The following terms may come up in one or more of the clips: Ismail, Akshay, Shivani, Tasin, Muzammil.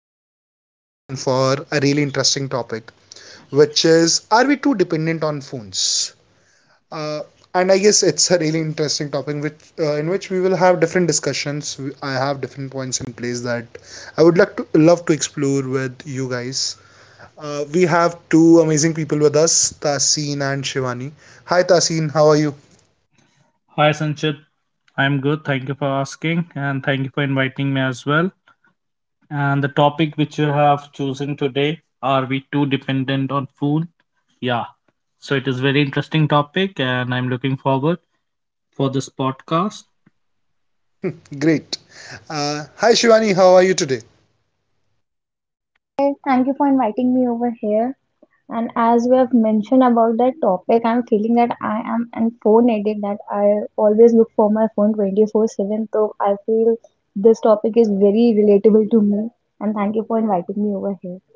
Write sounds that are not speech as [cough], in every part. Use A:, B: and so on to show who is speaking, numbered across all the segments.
A: Yet again for a really interesting topic, which is are we too dependent on phones? Uh, and I guess it's a really interesting topic, which in which we will have different discussions. I have different points in place that I would like to love to explore with you guys. We have two amazing people with us, Tasin and Shivani. Hi Tasin, how are you?
B: Hi Sanchit, I'm good. Thank you for asking and thank you for inviting me as well. And the topic which you have chosen today, are we too dependent on food? Yeah. So it is very interesting topic and I'm looking forward for this podcast.
A: Great. Hi Shivani, how are you today?
C: Hey, thank you for inviting me over here. And as we have mentioned about that topic, I'm feeling that I am an phone addict that I always look for my phone 24/7. So I feel this topic is very relatable to me. And thank you for inviting me over here.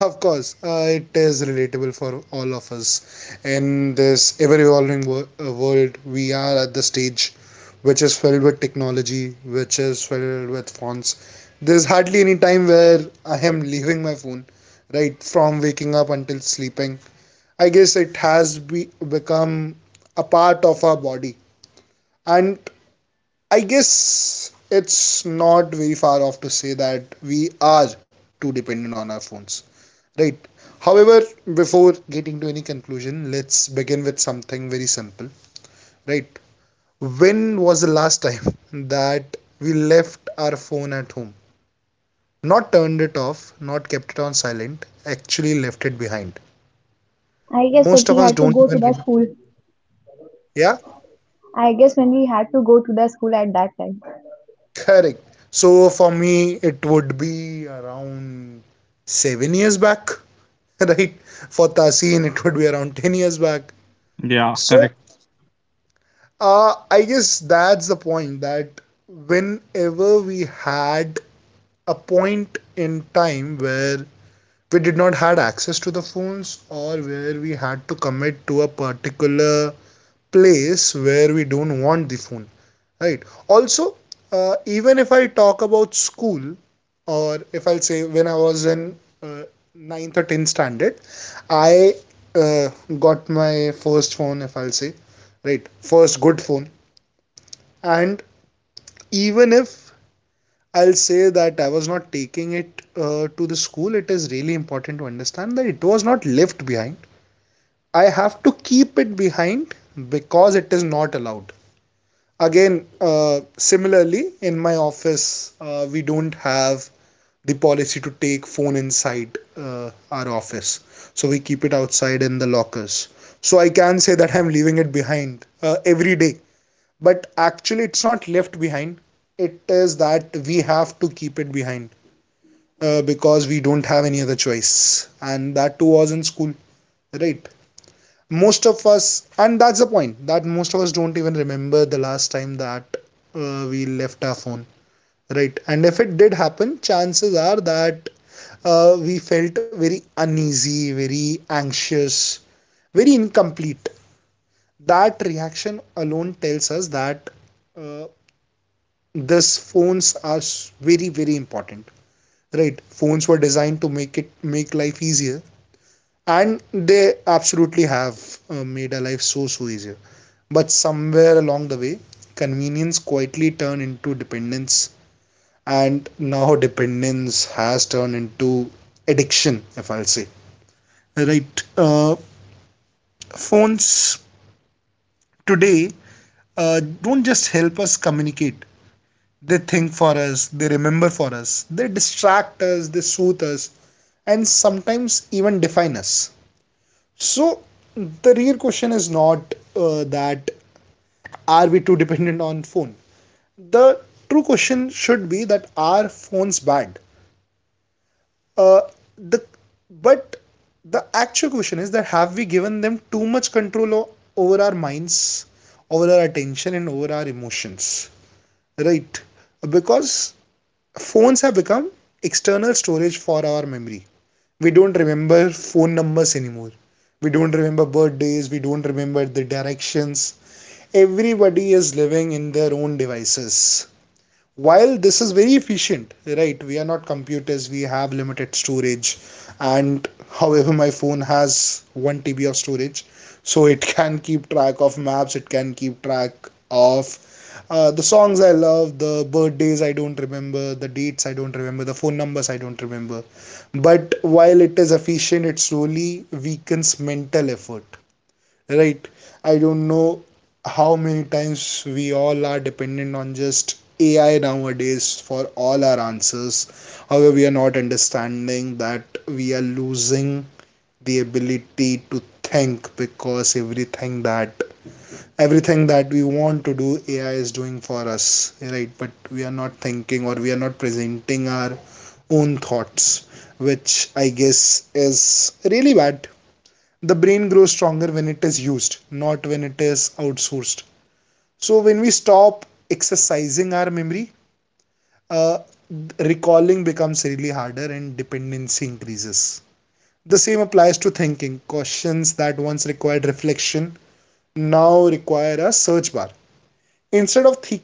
A: Of course, it is relatable for all of us. In this ever evolving world, we are at the stage which is filled with technology, which is filled with phones. There's hardly any time where I am leaving my phone, right? From waking up until sleeping. I guess it has become a part of our body. And I guess it's not very far off to say that we are too dependent on our phones, right? However, before getting to any conclusion, let's begin with something very simple. Right, when was the last time [laughs] that we left our phone at home? Not turned it off, not kept it on silent, actually left it behind.
C: I guess when
A: Most of
C: we
A: us
C: had to
A: don't
C: go to
A: even
C: the school.
A: yeah,
C: I guess when we had to go to the school at that time.
A: correct. So for me, it would be around 7 years back. [laughs] Right, for Tasin it would be around 10 years back.
B: Yeah,
A: So
B: correct.
A: I guess that's the point, that whenever we had a point in time where we did not had access to the phones, or where we had to commit to a particular place where we don't want the phone, right? Also, even if I talk about school, or if I'll say when I was in 9th or 10th standard, I uh, got my first phone, if I'll say, right? First good phone. And even if I'll say that I was not taking it to the school, it is really important to understand that it was not left behind. I have to keep it behind because it is not allowed. Again, similarly, in my office, we don't have the policy to take phone inside our office, so we keep it outside in the lockers. So I can say that I'm leaving it behind every day, but actually it's not left behind. It is that we have to keep it behind because we don't have any other choice, and that too was in school, right? Most of us, and that's the point, that most of us don't even remember the last time that we left our phone, right? And if it did happen, chances are that we felt very uneasy, very anxious, very incomplete. That reaction alone tells us that uh, thus phones are very, very important. Right, phones were designed to make life easier, and they absolutely have made our life so, so easier. But somewhere along the way, convenience quietly turned into dependence, and now dependence has turned into addiction, if I'll say. Right phones today don't just help us communicate. They think for us, they remember for us, they distract us, they soothe us, and sometimes even define us. So the real question is not that are we too dependent on phone. The true question should be that are phones bad? Uh, the but the actual question is that have we given them too much over our minds, over our attention, and over our emotions, right? Because phones have become external storage for our memories. We don't remember phone numbers anymore. We don't remember birthdays. We don't remember the directions. Everybody is living in their own devices. While this is very efficient, right? We are not computers. We have limited storage, and however, my phone has one TB of storage, so it [laughs] can keep track of maps. It can keep track of the songs I love, the birthdays I don't remember, the dates I don't remember, the phone numbers I don't remember. But while it is efficient, it slowly weakens mental effort, right? I don't know how many times we all are dependent on just AI nowadays for all our answers. However, we are not understanding that we are losing the ability to think, because everything that we want to do, AI is doing for us, right? But we are not thinking, or we are not presenting our own thoughts, which I guess is really bad. The brain grows stronger when it is used, not when it is outsourced. So when we stop exercising our memory, uh, recalling becomes really harder and dependency increases. The same applies to thinking. Questions that once required reflection now require a search bar. Instead of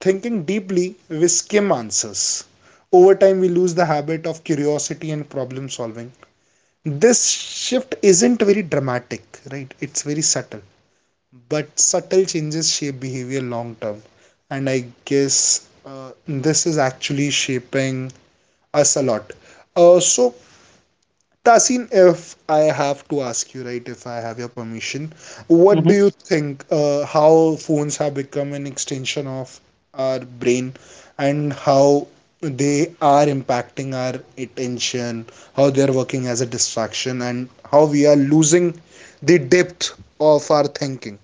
A: thinking deeply, we skim answers. Over time, we lose the habit of curiosity and problem solving. This shift isn't very dramatic, right? It's very subtle, but subtle changes shape behavior long term, and I guess this is actually shaping us a lot. So Tasin, if I have to ask you, right, if I have your permission, what do
B: Mhm.
A: you think, how phones have become an extension of our brain, and how they are impacting our attention, how they're working as a distraction, and how we are losing the depth of our thinking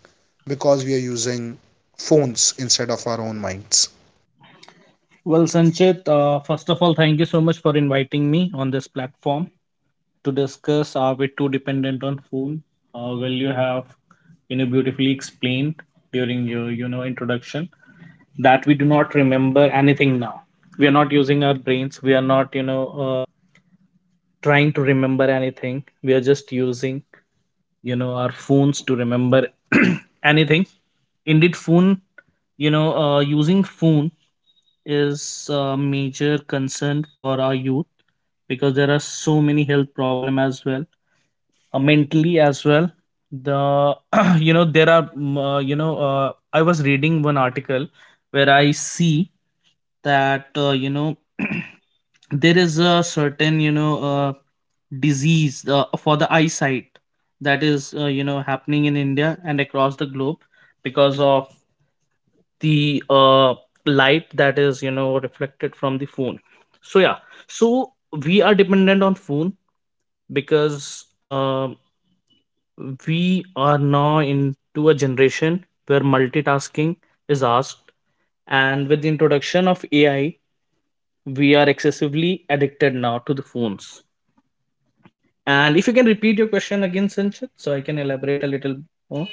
A: because we are using phones instead of our own minds?
B: Well, Sanchit, first of all, thank you so much for inviting me on this platform to discuss are we too dependent on food? Well, you have you know beautifully explained during your you know introduction that we do not remember anything now. We are not using our brains. We are not you know trying to remember anything. We are just using you know our phones to remember [clears throat] anything. Indeed phone, you know using phone is a major concern for our youth because there are so many health problem as well, mentally as well. The [clears throat] you know there are you know I was reading one article where I see that you know [clears throat] there is a certain you know disease for the eyesight that is you know happening in India and across the globe because of the light that is you know reflected from the phone. So yeah, so we are dependent on phone because we are now into a generation where multitasking is asked, and with the introduction of AI we are excessively addicted now to the phones. And if you can repeat your question again, Sanchit, so I can elaborate a little more.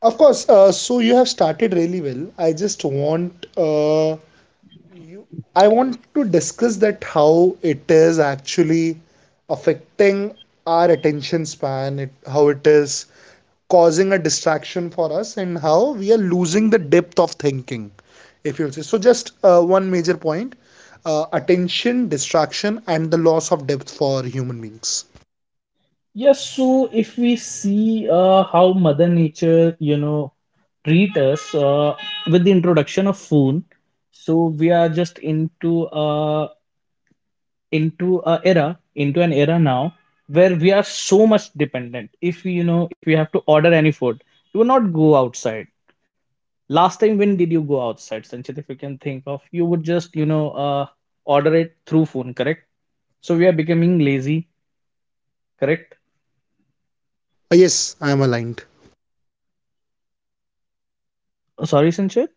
A: Of course, so you have started really well. I just want You, I want to discuss that how it is actually affecting our attention span, how it is causing a distraction for us, and how we are losing the depth of thinking, if you'll say. So, just one major point, attention, distraction, and the loss of depth for human beings.
B: Yes, so if we see how mother nature you know treat us with the introduction of phone, so we are just a into a era into an era now where we are so much dependent. If you know if we have to order any food, you will not go outside. Last time when did you go outside, Sanchit, if you can think of? You would just you know order it through phone, correct? So we are becoming lazy, correct?
A: Yes, I am aligned.
B: Sorry Sanchit.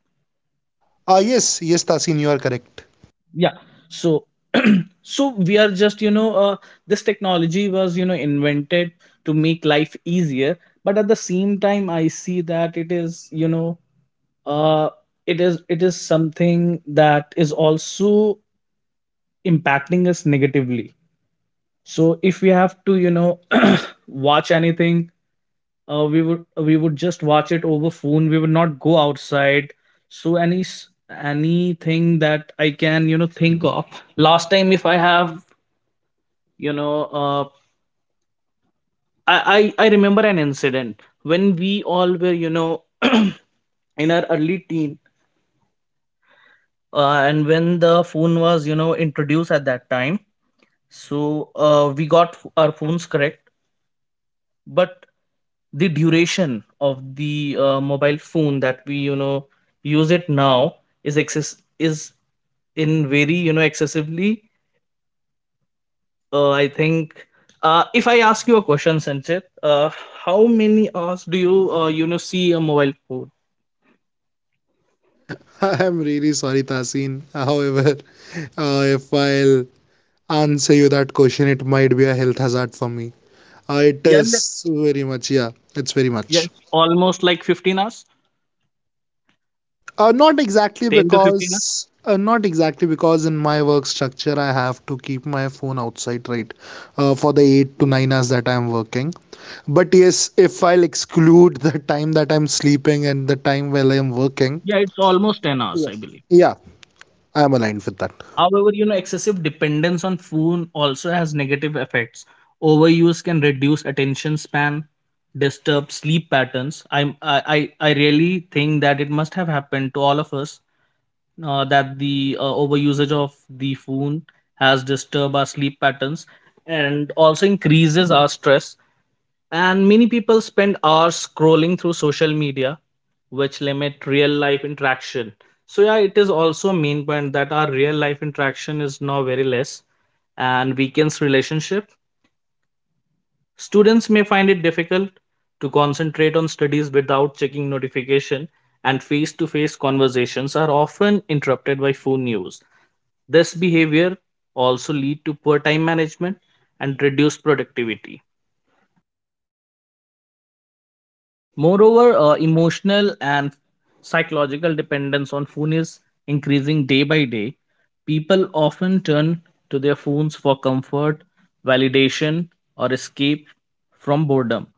A: Ah, yes, yes, Tasin, you are correct.
B: Yeah, so [clears throat] so we are just you know this technology was you know invented to make life easier, but at the same time I see that it is you know uh it is something that is also impacting us negatively. So if we have to you know [clears throat] watch anything, we would just watch it over phone. We would not go outside. So anything that I can you know think of, last time if I have you know I remember an incident when we all were you know [clears throat] in our early teen, and when the phone was you know introduced at that time. So we got our phones correct, but the duration of the mobile phone that we you know use it now is excess is in very you know excessively. I think if I ask you a question, Sanchit, how many hours do you you know see a mobile phone?
A: [laughs] I am really sorry, Tasin. However, if I'll answer you that question. It might be a health hazard for me. It
B: Yeah,
A: is very much, yeah, it's very
B: yeah,
A: much.
B: it's almost like 15 hours, 10 to 15 hours.
A: Not exactly because in my work structure, I have to keep my phone outside, right, for the 8 to 9 hours that I'm working. But yes, if I'll exclude the time that I'm sleeping and the time while I'm working,
B: Yeah, it's almost 10 hours,
A: yeah,
B: I believe.
A: yeah, I'm aligned with that.
B: However, you know, excessive dependence on phone also has negative effects. Overuse can reduce attention span, disturb sleep patterns. I really think that it must have happened to all of us that the overusage of the phone has disturbed our sleep patterns and also increases our stress, and many people spend hours scrolling through social media, which limit real life interaction. So yeah, it is also a main point that our real life interaction is now very less and weakens relationship. Students may find it difficult to concentrate on studies without checking notification, and face-to-face conversations are often interrupted by phone use. This behavior also lead to poor time management and reduced productivity. Moreover, emotional and psychological dependence on phone is increasing day by day. People often turn to their phones for comfort, validation, or escape from boredom.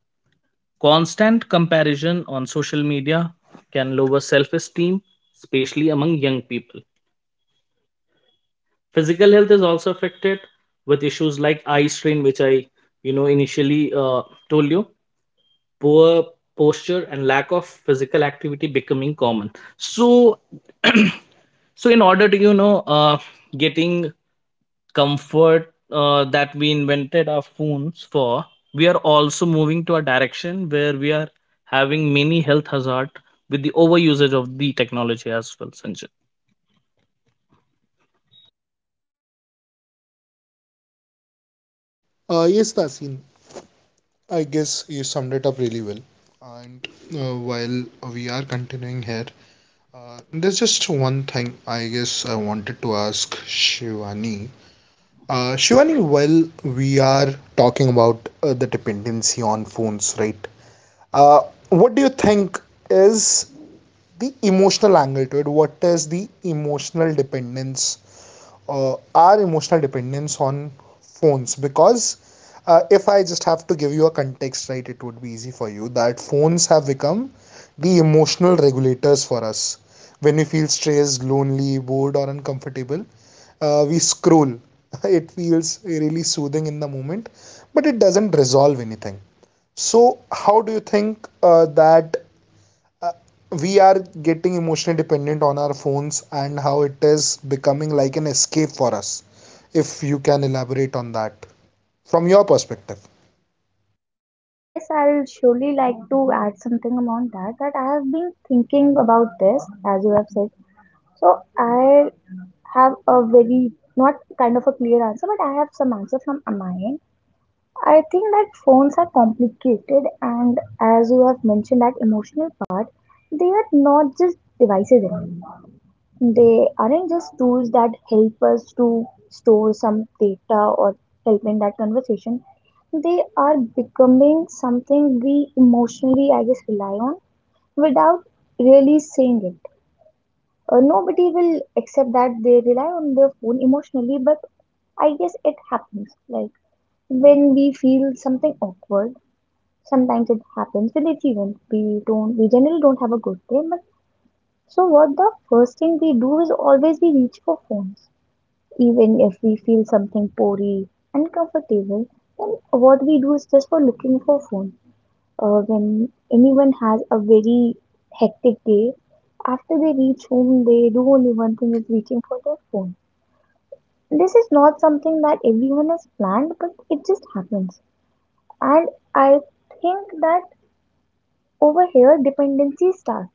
B: Constant comparison on social media can lower self esteem, especially among young people. Physical health is also affected with issues like eye strain, which I you know initially told you, poor posture and lack of physical activity becoming common. So [clears throat] so in order to you know getting comfort that we invented our phones for, we are also moving to a direction where we are having many health hazard with the over usage of the technology as well, Sanjay.
A: Yes, Tasin, I guess you summed it up really well. And while we are continuing here, there's just one thing I guess I wanted to ask Shivani. Shivani, while we are talking about the dependency on phones, right? Uh, what do you think is the emotional angle to it? What is the emotional dependence, our emotional dependence on phones? Because if I just have to give you a context, right, it would be easy for you that phones have become be emotional regulators for us. When we feel stressed, lonely, bored, or uncomfortable, we scroll. [laughs] It feels really soothing in the moment, but it doesn't resolve anything. So, how do you think that uh, we are getting emotionally dependent on our phones, and how it is becoming like an escape for us? If you can elaborate on that from your perspective.
C: Yes, I'll surely like to add something about that. That I have been thinking about this, as you have said. So I have a very not kind of a clear answer, but I have some answer from my end. I think that phones are complicated, and as you have mentioned, that emotional part, they are not just devices anymore. They aren't just tools that help us to store some data or help in that conversation. They are becoming something we emotionally, I guess, rely on without really saying it. Nobody will accept that they rely on their phone emotionally, but I guess it happens. Like when we feel something awkward, sometimes it happens with achievement. We generally don't have a good day, but so what the first thing we do is always we reach for phones. Even if we feel something pory, uncomfortable, then what we do is just for looking for phone. When anyone has a very hectic day, after they reach home, they do only one thing is reaching for their phone. This is not something that everyone has planned, but it just happens. And I think that over here dependencies start,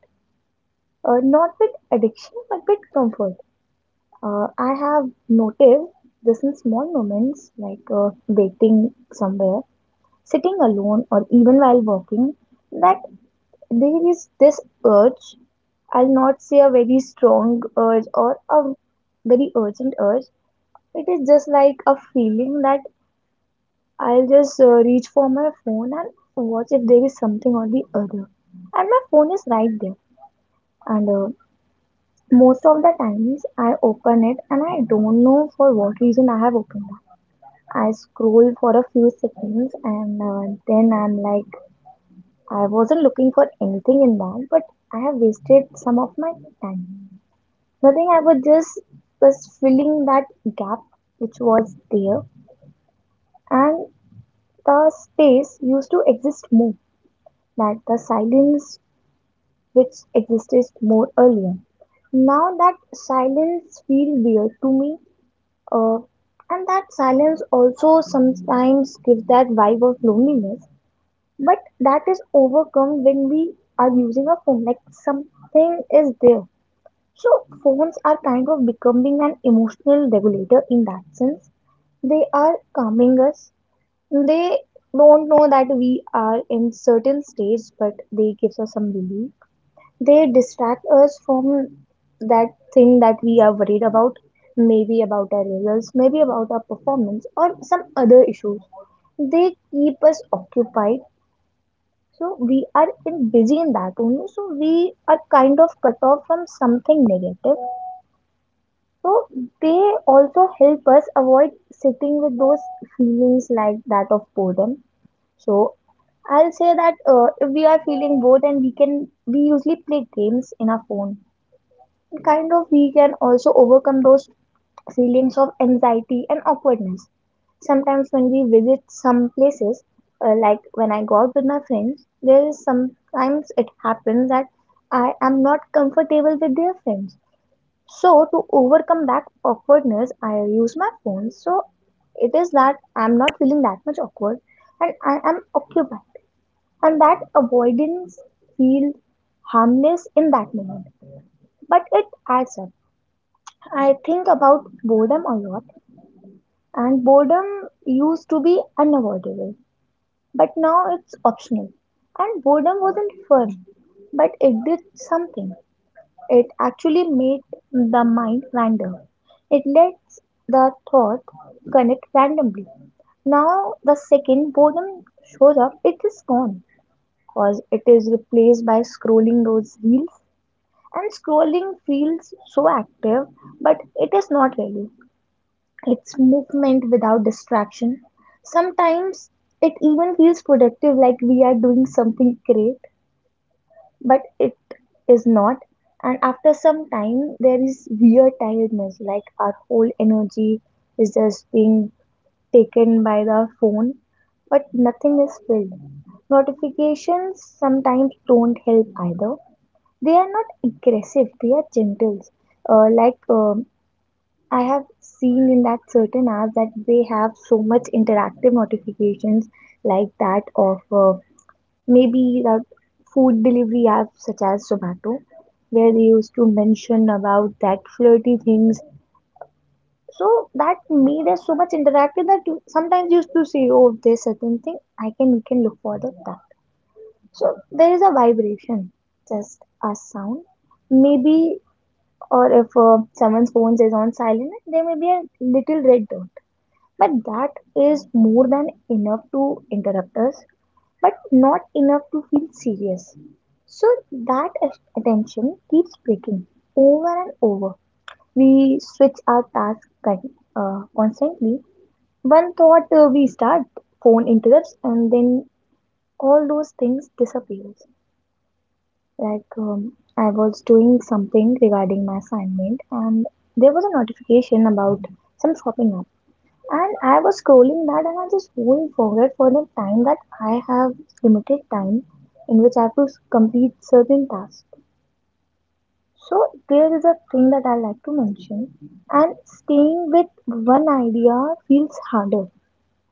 C: not with addiction but with comfort. I have noticed this in small moments, like waiting somewhere, sitting alone, or even while walking, that there is this urge. I'll not say a very strong urge or a very urgent urge. It is just like a feeling that I'll just reach for my phone and watch if there is something or the other. And my phone is right there. And most of the times I open it and I don't know for what reason I have opened it. I scroll for a few seconds and then I'm like, I wasn't looking for anything in that, but I have wasted some of my time. Nothing, I was just was filling that gap which was there, and the space used to exist more, that the silence which existed more earlier. Now that silence feels weird to me, uh, and that silence also sometimes gives that vibe of loneliness. But that is overcome when we are using a phone, like something is there. So phones are kind of becoming an emotional regulator in that sense. They are calming us. They don't know that we are in certain states, but they gives us some relief. They distract us from that thing that we are worried about, maybe about our results, maybe about our performance, or some other issues. They keep us occupied, so we are in busy in that only, so we are kind of cut off from something negative. So they also help us avoid sitting with those feelings like that of boredom. So I'll say that if we are feeling bored and we can, we usually play games in our phone. Kind of we can also overcome those feelings of anxiety and awkwardness sometimes when we visit some places. Uh, like when I go out with my friends, there is sometimes it happens that I am not comfortable with their friends, so to overcome that awkwardness I use my phone. So it is that I'm not feeling that much awkward, and I am occupied, and that avoidance feels harmless in that moment, but it adds up. I think about boredom a lot, and boredom used to be unavoidable, but now it's optional. And boredom wasn't fun, but it did something. It actually made the mind wander. It lets the thought connect randomly. Now, the second boredom shows up, it is gone, because it is replaced by scrolling those reels, and scrolling feels so active, but it is not really. It's movement without distraction. Sometimes it even feels productive, like we are doing something great, but it is not. And after some time, there is weird tiredness, like our whole energy is just being taken by the phone, but nothing is filled. Notifications sometimes don't help either. They are not aggressive, they are gentle. Like I have seen in that certain apps that they have so much interactive notifications, like that of maybe the food delivery apps such as Zomato, where they used to mention about that flirty things. So that made us so much interactive that you sometimes used to say, "Oh, there's certain thing I can we can look for that." So there is a vibration, just a sound, maybe, or if someone's phone is on silent, there may be a little red dot. But that is more than enough to interrupt us, but not enough to feel serious. So that attention keeps breaking over and over. We switch our task constantly. One thought we start, phone interrupts, and then all those things disappears. Like I was doing something regarding my assignment, and there was a notification about some shopping app. And I was scrolling that and I just won't forget for the time that I have limited time in which I have to complete certain tasks. So there is a thing that I like to mention, and staying with one idea feels harder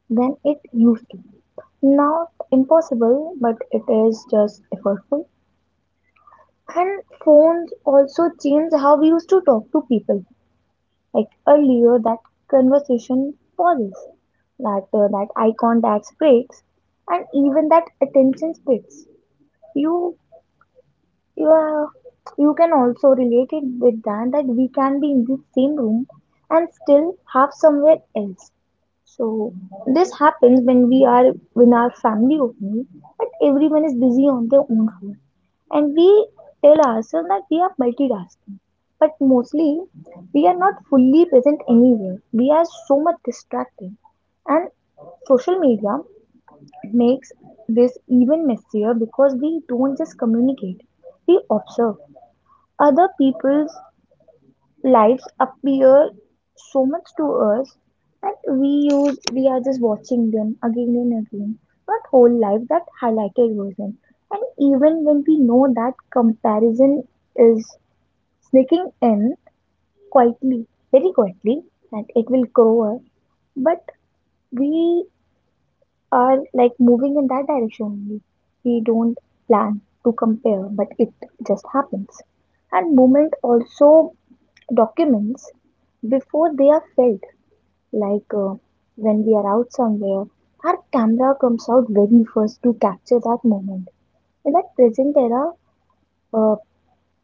C: than it used to. Not impossible, but it is just effortful. And phones also change how we used to talk to people. Like earlier, that conversation pauses, that eye contacts breaks, and even that attention splits. You, yeah, you can also relate it with that, that we can be in the same room and still have somewhere else. So this happens when we are in our family only, but everyone is busy on their own phone. And we tell ourselves that we are multitasking, but mostly we are not fully present anywhere. We are so much distracted. And social media makes this even messier, because we don't just communicate, we observe. Other people's lives appear so much to us, and we are just watching them again and again, not whole life, that highlighted version. And even when we know that comparison is sneaking in quietly, very quietly, and it will grow up, but we are like moving in that direction only. We don't plan to compare, but it just happens. And movement also documents before they are felt. Like when we are out somewhere, our camera comes out very first to capture that moment. In that present era, uh,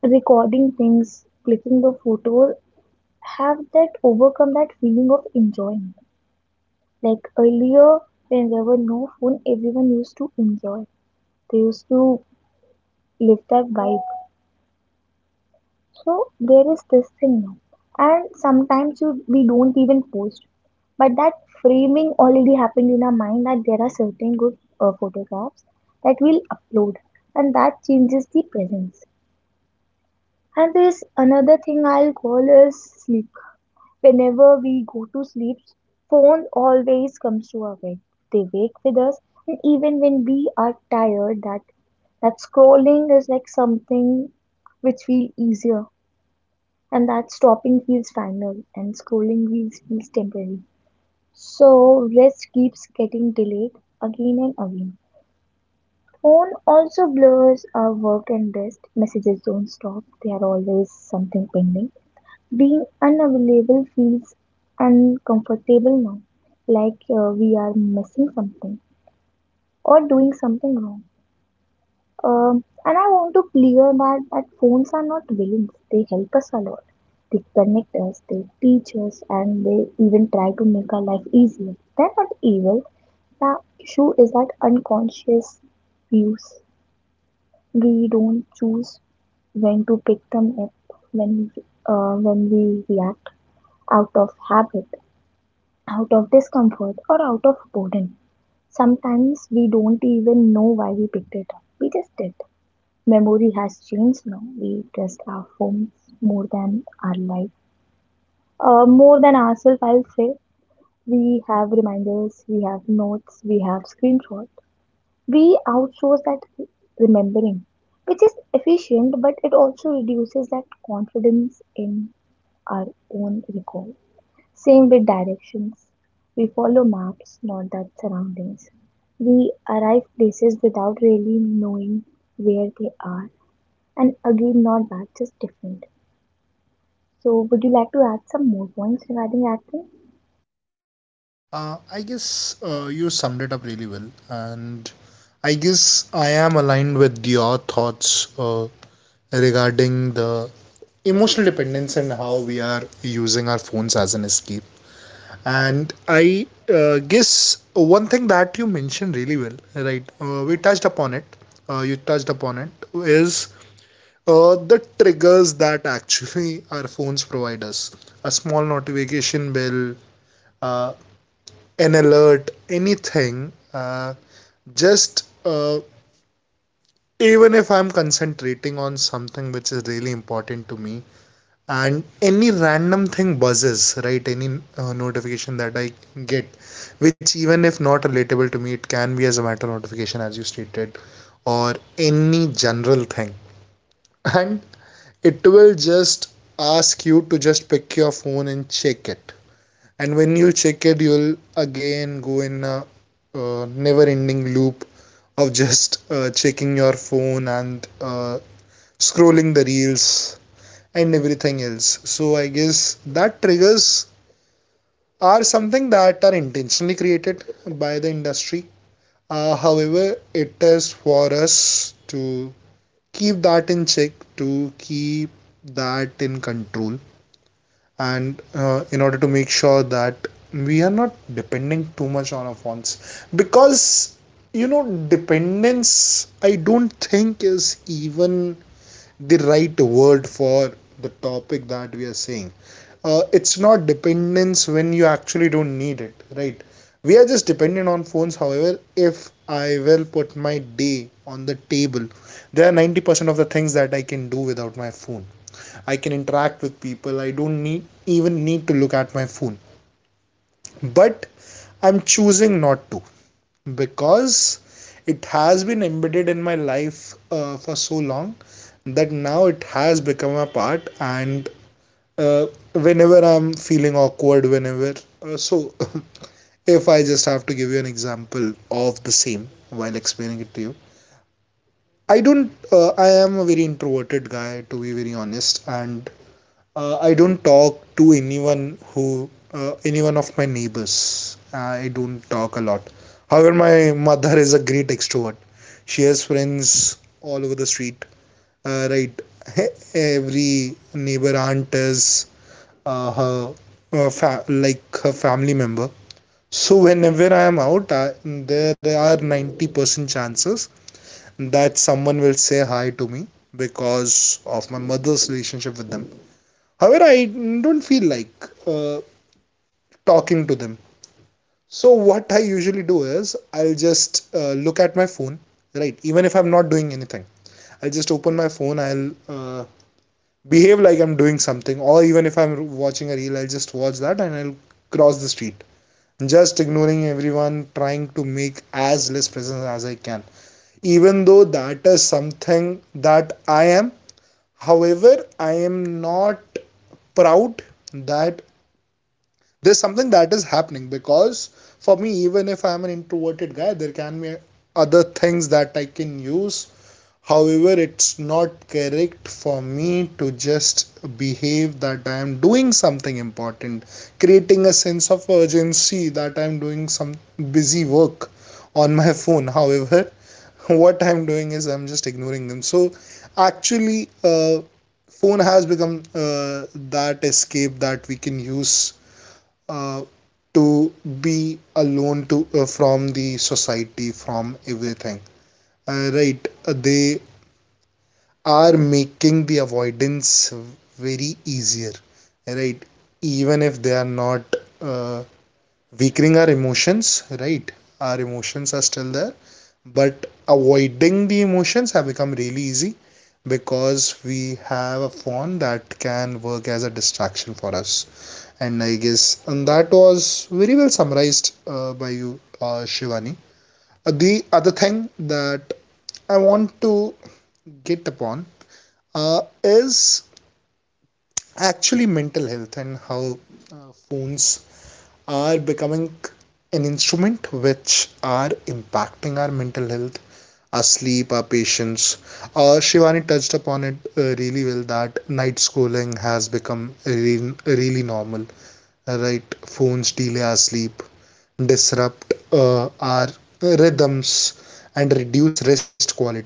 C: recording things, clicking the photos, have that overcome that feeling of enjoying. Like earlier, when there were no phone, everyone used to enjoy. They used to live that vibe. So there is this thing now. And sometimes you we don't even post. But that framing already happened in our mind, that there are certain good photographs that we'll upload, and that changes the presence. And there's another thing I'll call is sleep. Whenever we go to sleep, phone always comes to our bed. They wake with us, and even when we are tired, that scrolling is like something which feels easier, and that stopping feels final, and scrolling feels temporary. So rest keeps getting delayed again and again. Phone also blurs our work and rest. Messages don't stop. They are always something pending. Being unavailable feels uncomfortable now, like we are missing something or doing something wrong. And I want to clear that phones are not villains. They help us a lot. They connect us, they teach us, and they even try to make our life easier. They're not evil. The issue is that unconscious views. We don't choose when to pick them up, when when we react out of habit, out of discomfort, or out of boredom. Sometimes we don't even know why we picked it up. We just did. Memory has changed now. We trust our phones more than our life, more than ourselves, I'll say. We have reminders, we have notes, we have screenshots. We outsource that remembering, which is efficient, but it also reduces that confidence in our own recall. Same with directions. We follow maps, not that surroundings. We arrive places without really knowing where they are, and again, not bad, just different. So, would you like to add some more points regarding acting?
A: I guess you summed it up really well, and I guess I am aligned with your thoughts regarding the emotional dependence and how we are using our phones as an escape. And I guess one thing that you mentioned really well, right? We touched upon it. You touched upon it is the triggers that actually [laughs] our phones provide us. A small notification bell, uh, an alert, anything. Just Even if I'm concentrating on something which is really important to me, and any random thing buzzes, right? Any notification that I get, which even if not relatable to me, it can be as a matter notification, as you stated, or any general thing. [laughs] And it will just ask you to just pick your phone and check it. And when you check it, you'll again go in a never ending loop of just checking your phone and scrolling the reels and everything else. So I guess that triggers are something that are intentionally created by the industry. However, it is for us to keep that in check, to keep that in control, and in order to make sure that we are not depending too much on our phones. Because, you know, dependence, I don't think, is even the right word for the topic that we are saying. It's not dependence when you actually don't need it, right? We are just dependent on phones. However, if I will put my day on the table, there are 90% of the things that I can do without my phone. I can interact with people. I don't need even need to look at my phone. But I'm choosing not to, because it has been embedded in my life for so long that now it has become a part. And uh, whenever I'm feeling awkward, whenever so. [laughs] If I just have to give you an example of the same while explaining it to you, I don't I am a very introverted guy, to be very honest. And I don't talk to anyone who, anyone of my neighbors. I don't talk a lot. However, my mother is a great extrovert. She has friends all over the street. Right. [laughs] Every neighbor aunt is uh, her, like her family member. So whenever I am out, there are 90% chances that someone will say hi to me because of my mother's relationship with them. However, I don't feel like talking to them. So what I usually do is I'll just look at my phone, right? Even if I'm not doing anything, I'll just open my phone. I'll behave like I'm doing something, or even if I'm watching a reel, I'll just watch that and I'll cross the street, just ignoring everyone, trying to make as less presence as I can. Even though that is something that I am, however, I am not proud that there's something that is happening. Because for me, even if I'm an introverted guy, there can be other things that I can use. However, it's not correct for me to just behave that I am doing something important, creating a sense of urgency that I'm doing some busy work on my phone. However, [laughs] what I'm doing is I'm just ignoring them. So actually, phone has become that escape that we can use uh, to be alone, to from the society, from everything, right. They are making the avoidance very easier, right? Even if they are not uh, weakening our emotions, right? Our emotions are still there, but avoiding the emotions have become really easy because we have a phone that can work as a distraction for us. And I guess, and that was very well summarized by you, Shivani. The other thing that I want to get upon is actually mental health, and how uh, phones are becoming an instrument which are impacting our mental health, our sleep, our patience. Shivani touched upon it really well, that night schooling has become really, really normal, right? Phones delay our sleep, disrupt our rhythms, and reduce rest quality.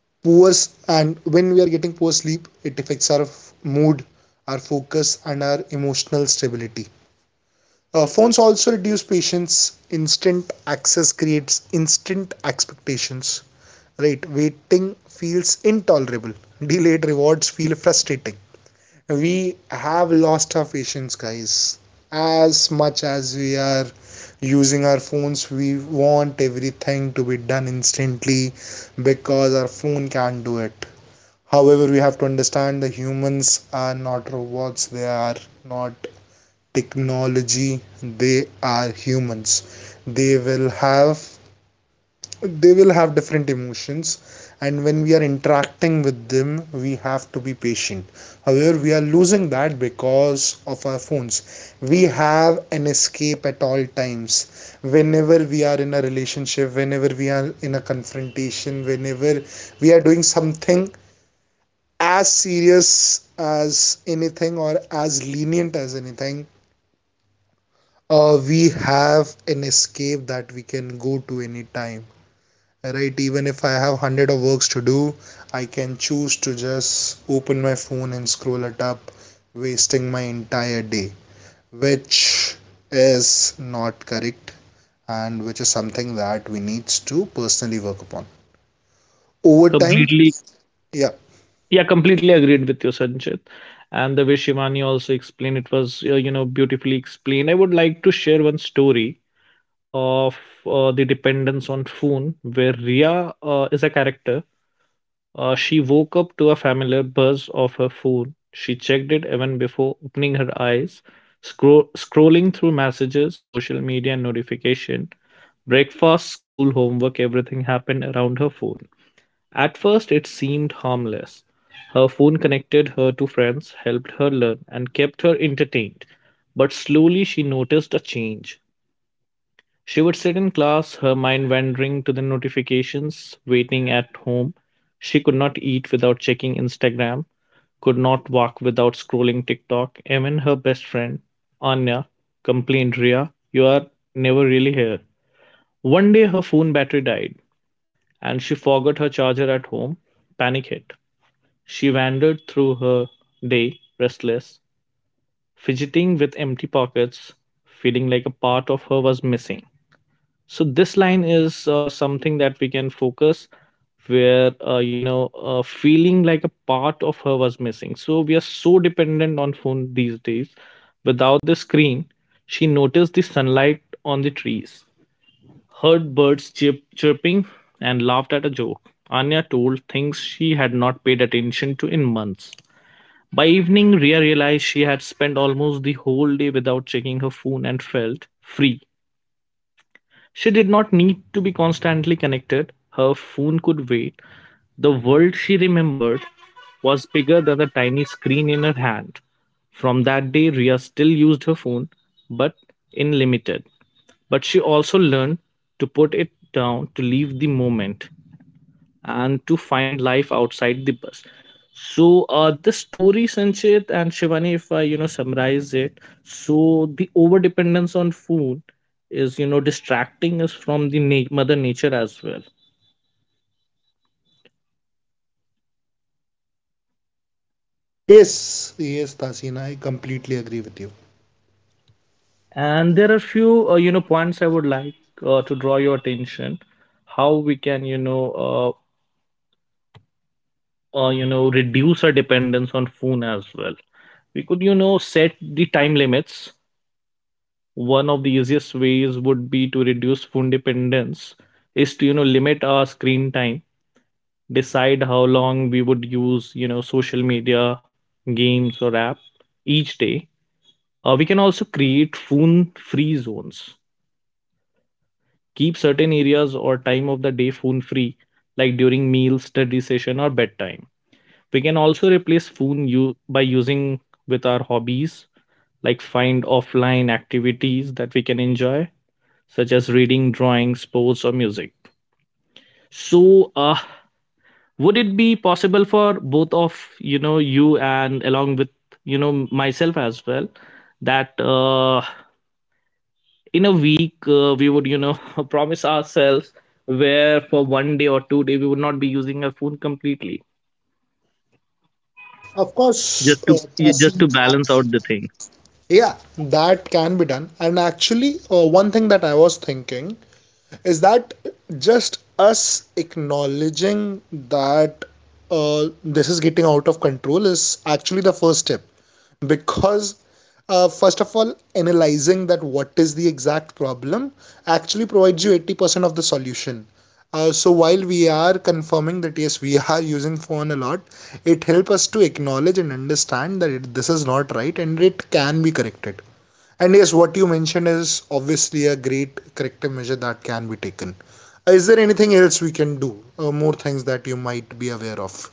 A: Poor and when we are getting poor sleep, it affects our mood, our focus, and our emotional stability. Phones also reduce patience. Instant access creates instant expectations. Right, waiting feels intolerable. Delayed rewards feel frustrating. We have lost our patience, guys. As much as we are using our phones, we want everything to be done instantly, because our phone can't do it. However, we have to understand, the humans are not robots, they are not technology, they are humans. They will have, they will have different emotions. And when we are interacting with them, we have to be patient. However, we are losing that because of our phones. We have an escape at all times, whenever we are in a relationship, whenever we are in a confrontation, whenever we are doing something as serious as anything or as lenient as anything. We have an escape that we can go to anytime, right? Even if I have 100 of works to do, I can choose to just open my phone and scroll it up, wasting my entire day, which is not correct, and which is something that we need to personally work upon over time.
B: Completely.
A: Yeah.
B: Yeah, completely agreed with you, Sanchit. And the way Shivani also explained it was you know beautifully explained. I would like to share one story of the dependence on phone, where Ria is a character. She woke up to a familiar buzz of her phone. She checked it even before opening her eyes, scrolling through messages, social media, and notification. Breakfast, school, homework, everything happened around her phone. At first, it seemed harmless. Her phone connected her to friends, helped her learn, and kept her entertained. But slowly, she noticed a change. She would sit in class, her mind wandering to the notifications, waiting at home. She could not eat without checking Instagram, could not walk without scrolling TikTok. Even her best friend, Anya, complained, "Ria, you are never really here." One day her phone battery died and she forgot her charger at home. Panic hit. She wandered through her day, restless, fidgeting with empty pockets, feeling like a part of her was missing. So this line is something that we can focus where you know feeling like a part of her was missing. So we are so dependent on phone these days. Without the screen she noticed the sunlight on the trees, heard birds chirping, and laughed at a joke Anya told, things she had not paid attention to in months. By evening Ria realized she had spent almost the whole day without checking her phone and felt free. She did not need to be constantly connected. Her phone could wait. The world she remembered was bigger than the tiny screen in her hand. From that day, Ria still used her phone, but in limited. But she also learned to put it down, to leave the moment, and to find life outside the bus. So the story, Sanchit and Shivani, if I you know summarize it, so the over dependence on food is you know distracting us from the mother nature as well.
A: Yes, yes, Tasin, I completely agree with you.
B: And there are few you know points I would like to draw your attention. How we can you know reduce our dependence on food as well. We could you know set the time limits. One of the easiest ways would be to reduce phone dependence is to you know limit our screen time, decide how long we would use you know social media, games or app each day. We can also create phone free zones, keep certain areas or time of the day phone free, like during meals, study session or bedtime. We can also replace by using with our hobbies, like find offline activities that we can enjoy such as reading, drawing, sports, or music. So, would it be possible for both of you know you and along with you know myself as well that in a week we would you know [laughs] promise ourselves where for one day or two day we would not be using our phone completely,
A: Of course.
B: just
A: uh,
B: to
A: tasin
B: just to
A: that-
B: balance out the thing.
A: yeah, that can be done. And actually, one thing that I was thinking is that, just us acknowledging that, this is getting out of control, is actually the first step. Because first of all, analyzing that what is the exact problem actually provides you 80% of the solution. So while we are confirming that yes, we are [laughs] using phone a lot, it helps us to acknowledge and understand that, this is not right and it can be corrected. And yes, what you mentioned is obviously a great corrective measure that can be taken. Is there anything else we can do? More things that you might be aware of?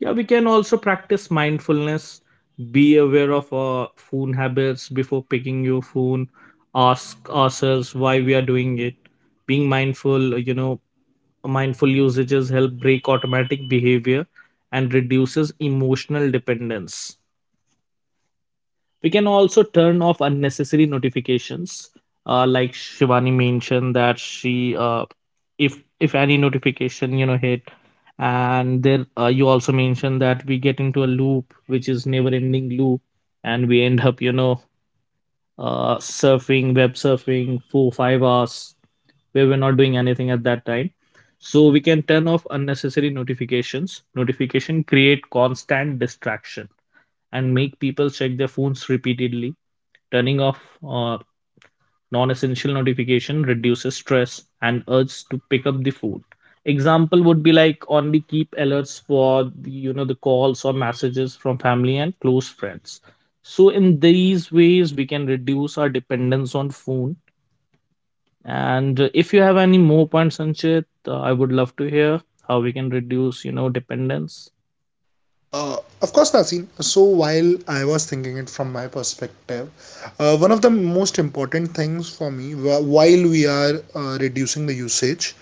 B: Yeah, we can also practice mindfulness. Be aware of our phone habits before picking your phone. Ask ourselves why we are doing it. Being mindful, you know, mindful usages help break automatic behavior and reduces emotional dependence. We can also turn off unnecessary notifications. Like Shivani mentioned that if any notification you know hit, and there you also mentioned that we get into a loop which is never ending loop, and we end up you know surfing for 5 hours where we're not doing anything at that time. So we can turn off unnecessary notifications. Notification create constant distraction and make people check their phones repeatedly. Turning off uh, non-essential notification reduces stress and urge to pick up the phone. Example would be like only keep alerts for the, you know, the calls or messages from family and close friends. So in these ways we can reduce our dependence on phone. And if you have any more points, Sanchit, I would love to hear how we can reduce, you know, dependence.
A: Uh, of course, Nasin. So while I was thinking it from my perspective, one of the most important things for me while we are reducing the usage,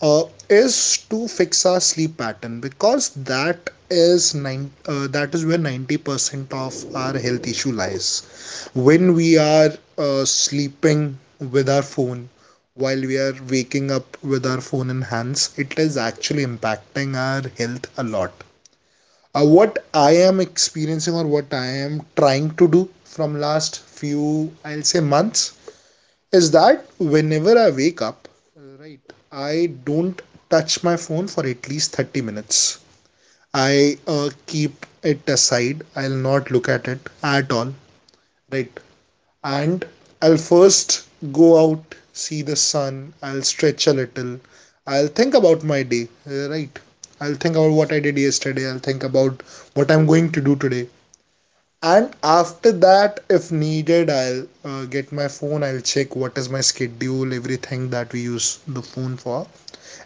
A: uh, is to fix our sleep pattern, because that is where 90% of our health issue lies. When we are sleeping with our phone, while we are waking up with our phone in hands, it is actually impacting our health a lot. What I am experiencing, or what I am trying to do from last few, I'll say, months, is that whenever I wake up, right, I don't touch my phone for at least 30 minutes. I keep it aside, I'll not look at it at all, right. And I'll first go out, see the sun, I'll stretch a little, I'll think about my day, right? I'll think about what I did yesterday, I'll think about what I'm going to do today. And after that, if needed, I'll get my phone, I'll check what is my schedule, everything that we use the phone for,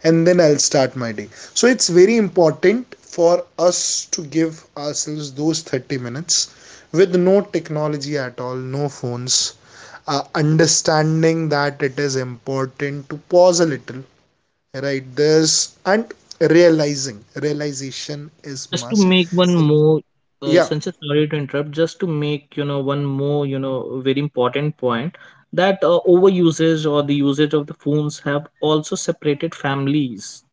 A: and then I'll start my day. So it's very important for us to give ourselves those 30 minutes with no technology at all, no phones, understanding that it is important to pause a little, right? This, and realizing, realization is
B: Just to
A: must.
B: make one more,
A: Yeah.
B: Sanchit, sorry to interrupt, just to make, you know, one more, you know, very important point that overusage or the usage of the phones have also separated families.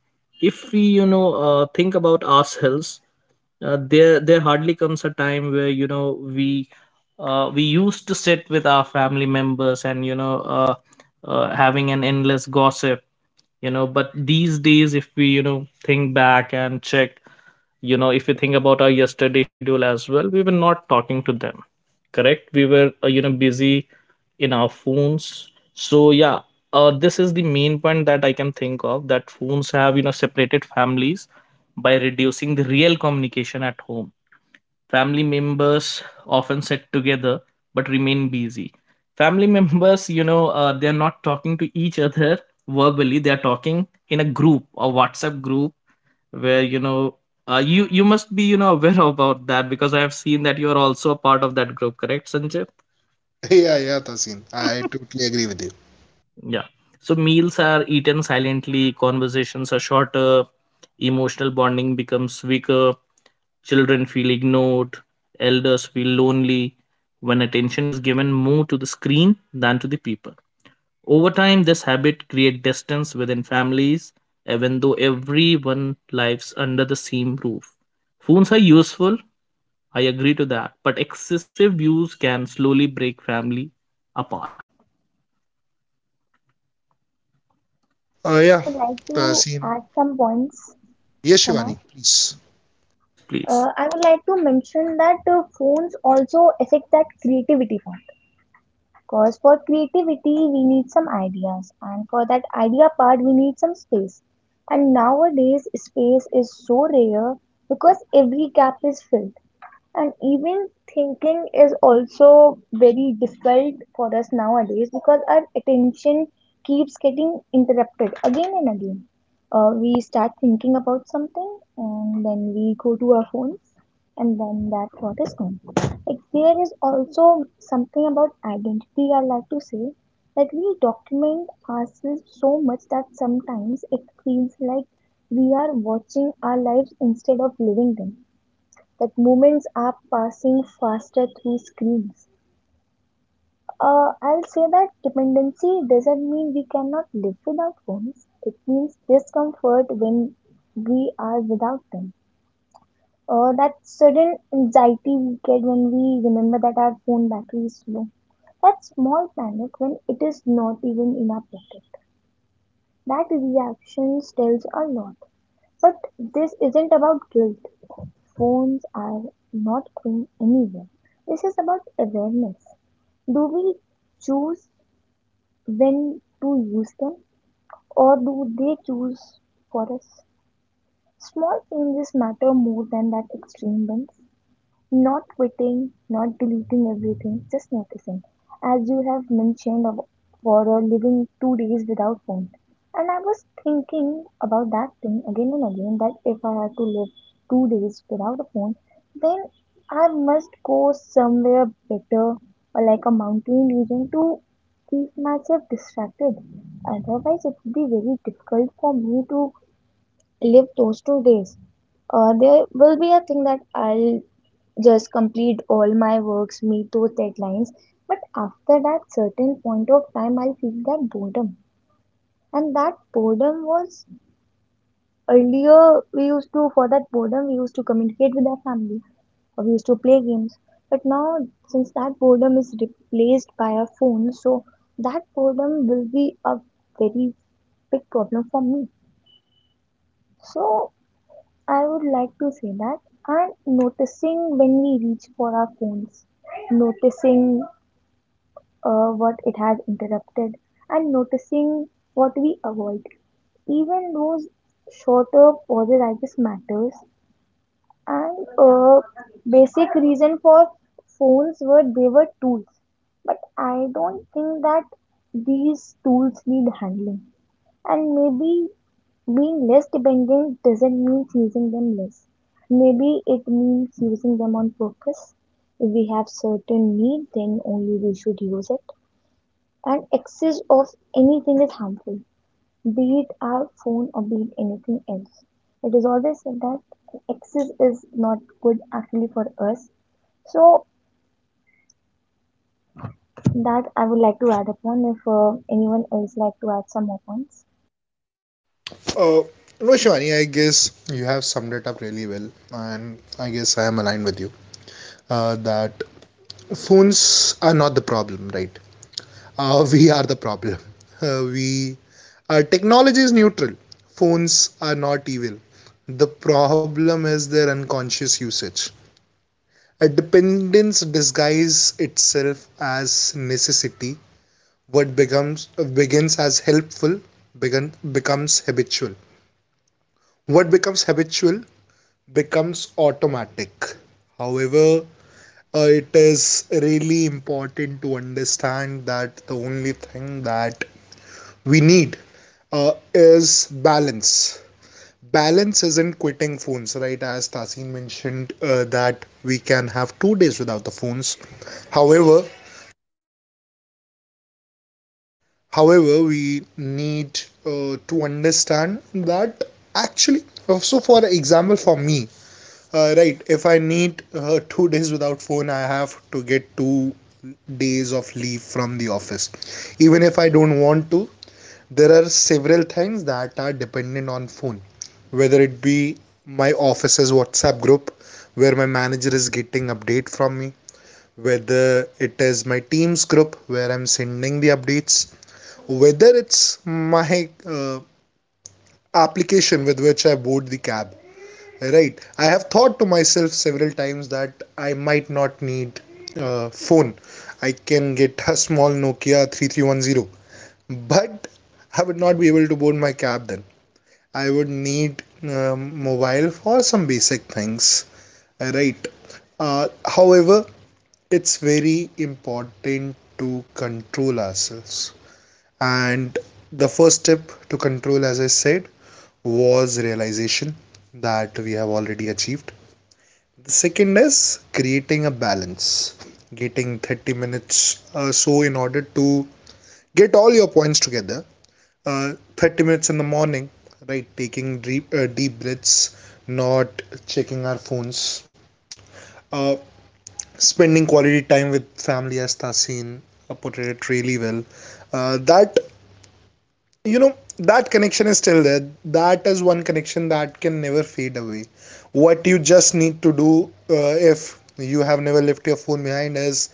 B: If we think about ourselves. There hardly comes a time where we we used to sit with our family members and having an endless gossip. But these days, if we think back and check. If we think about our yesterday schedule as well, we were not talking to them. Correct, we were busy in our phones, so yeah. This is the main point that I can think of, that phones have separated families by reducing the real communication at home. Family members often sit together but remain busy. Family [laughs] members, they're not talking to each other verbally. They're talking in a group, a WhatsApp group, where you must be aware [laughs] about that, because I have seen that you are also a part of that group, correct, Sanjay?
A: [laughs] Yeah, yeah, Tasin, I totally agree with you.
B: Yeah. So meals are eaten silently, conversations are shorter, emotional bonding becomes weaker, children feel ignored, elders feel lonely when attention is given more to the screen than to the people. Over time, this habit creates distance within families, even though everyone lives under the same roof. Phones are useful, I agree to that, but excessive use can slowly break family apart.
C: I
A: Yeah,
C: would like to
A: Tasin.
C: add some points.
A: Yes,
C: Can
A: Shivani,
C: I?
A: please.
B: Yes, please.
C: I would like to mention that phones also affect that creativity part. Because for creativity, we need some ideas, and for that idea part, we need some space. And nowadays, space is so rare because every gap is filled. And even thinking is also very difficult for us nowadays because our attention keeps getting interrupted again and again. We start thinking about something and then we go to our phones and then that thought is gone. Like there is also something about identity I like to say that we document ourselves so much that sometimes it feels like we are watching our lives instead of living them, that moments are passing faster through screens. I'll say that dependency doesn't mean we cannot live without phones. It means discomfort when we are without them. Or that sudden anxiety we get when we remember that our phone battery is low. That small panic when it is not even in our pocket. That reaction tells a lot. But this isn't about guilt. Phones are not going anywhere. This is about awareness. Do we choose when to use them, or do they choose for us? Small changes matter more than that extreme ones. Not quitting, not deleting everything, just noticing. As you have mentioned of- For living 2 days without phone. And I was thinking about that thing again and again that if I had to live 2 days without a phone, then I must go somewhere better or like a mountain region to keep myself distracted. Otherwise, it would be very difficult for me to live those 2 days. There will be a thing that I'll just complete all my works, meet those deadlines. But after that certain point of time, I'll feel that boredom. And that boredom was earlier we used to for that boredom we used to communicate with our family or we used to play games. But now since that boredom is replaced by our phone, so that boredom will be a very big problem for me. So I would like to say that and noticing when we reach for our phones, noticing what it has interrupted and noticing what we avoid. Even those shorter pauses, I guess, matters. And basic reason for phones were they were tools, but I don't think that these tools need handling. And maybe being less dependent doesn't mean using them less. Maybe it means using them on purpose. If we have certain need, then only we should use it, and excess of anything is harmful, be it our phone or be it anything else. It is always said that excess is not good actually for us. So that I would like to add upon if anyone else like to add some more points.
A: uh, no, Shivani, I guess you have summed it up really well, and I guess I am aligned with you, that phones are not the problem, right? [laughs] We are the problem. We Technology is neutral. Phones are not evil. The problem is their unconscious usage. A dependence disguises itself as necessity. What becomes, begins as helpful, becomes habitual. What becomes habitual becomes automatic. However, it is really important to understand that the only thing that we need is balance. Balance isn't quitting phones, right? As Tasin mentioned, that we can have 2 days without the phones. However, however, we need to understand that actually. So, for example, for me, right? If I need two [laughs] days without phone, I have to get 2 days of leave from the office. Even if I don't want to, there are several things that are dependent on phone, whether it be my office's WhatsApp group where my manager is getting update from me, whether it is my team's group where I'm sending the updates, whether it's my application with which I board the cab. Right, I have thought to myself several times that I might not need phone. I can get a small Nokia 3310, but I would not be able to board my cab then. I would need mobile for some basic things. Right. However, it's very important to control ourselves. And the first step to control, as I said, was realization, that we have already achieved. The second is creating a balance, getting 30 minutes. So, in order to get all your points together, 30 minutes in the morning, right? Taking deep, deep breaths, not checking our phones. Uh, Spending quality time with family, as Tasin portrayed it really well. That you know that connection is still there. That is one connection that can never fade away. What you just need to do, if you have never left your phone behind, is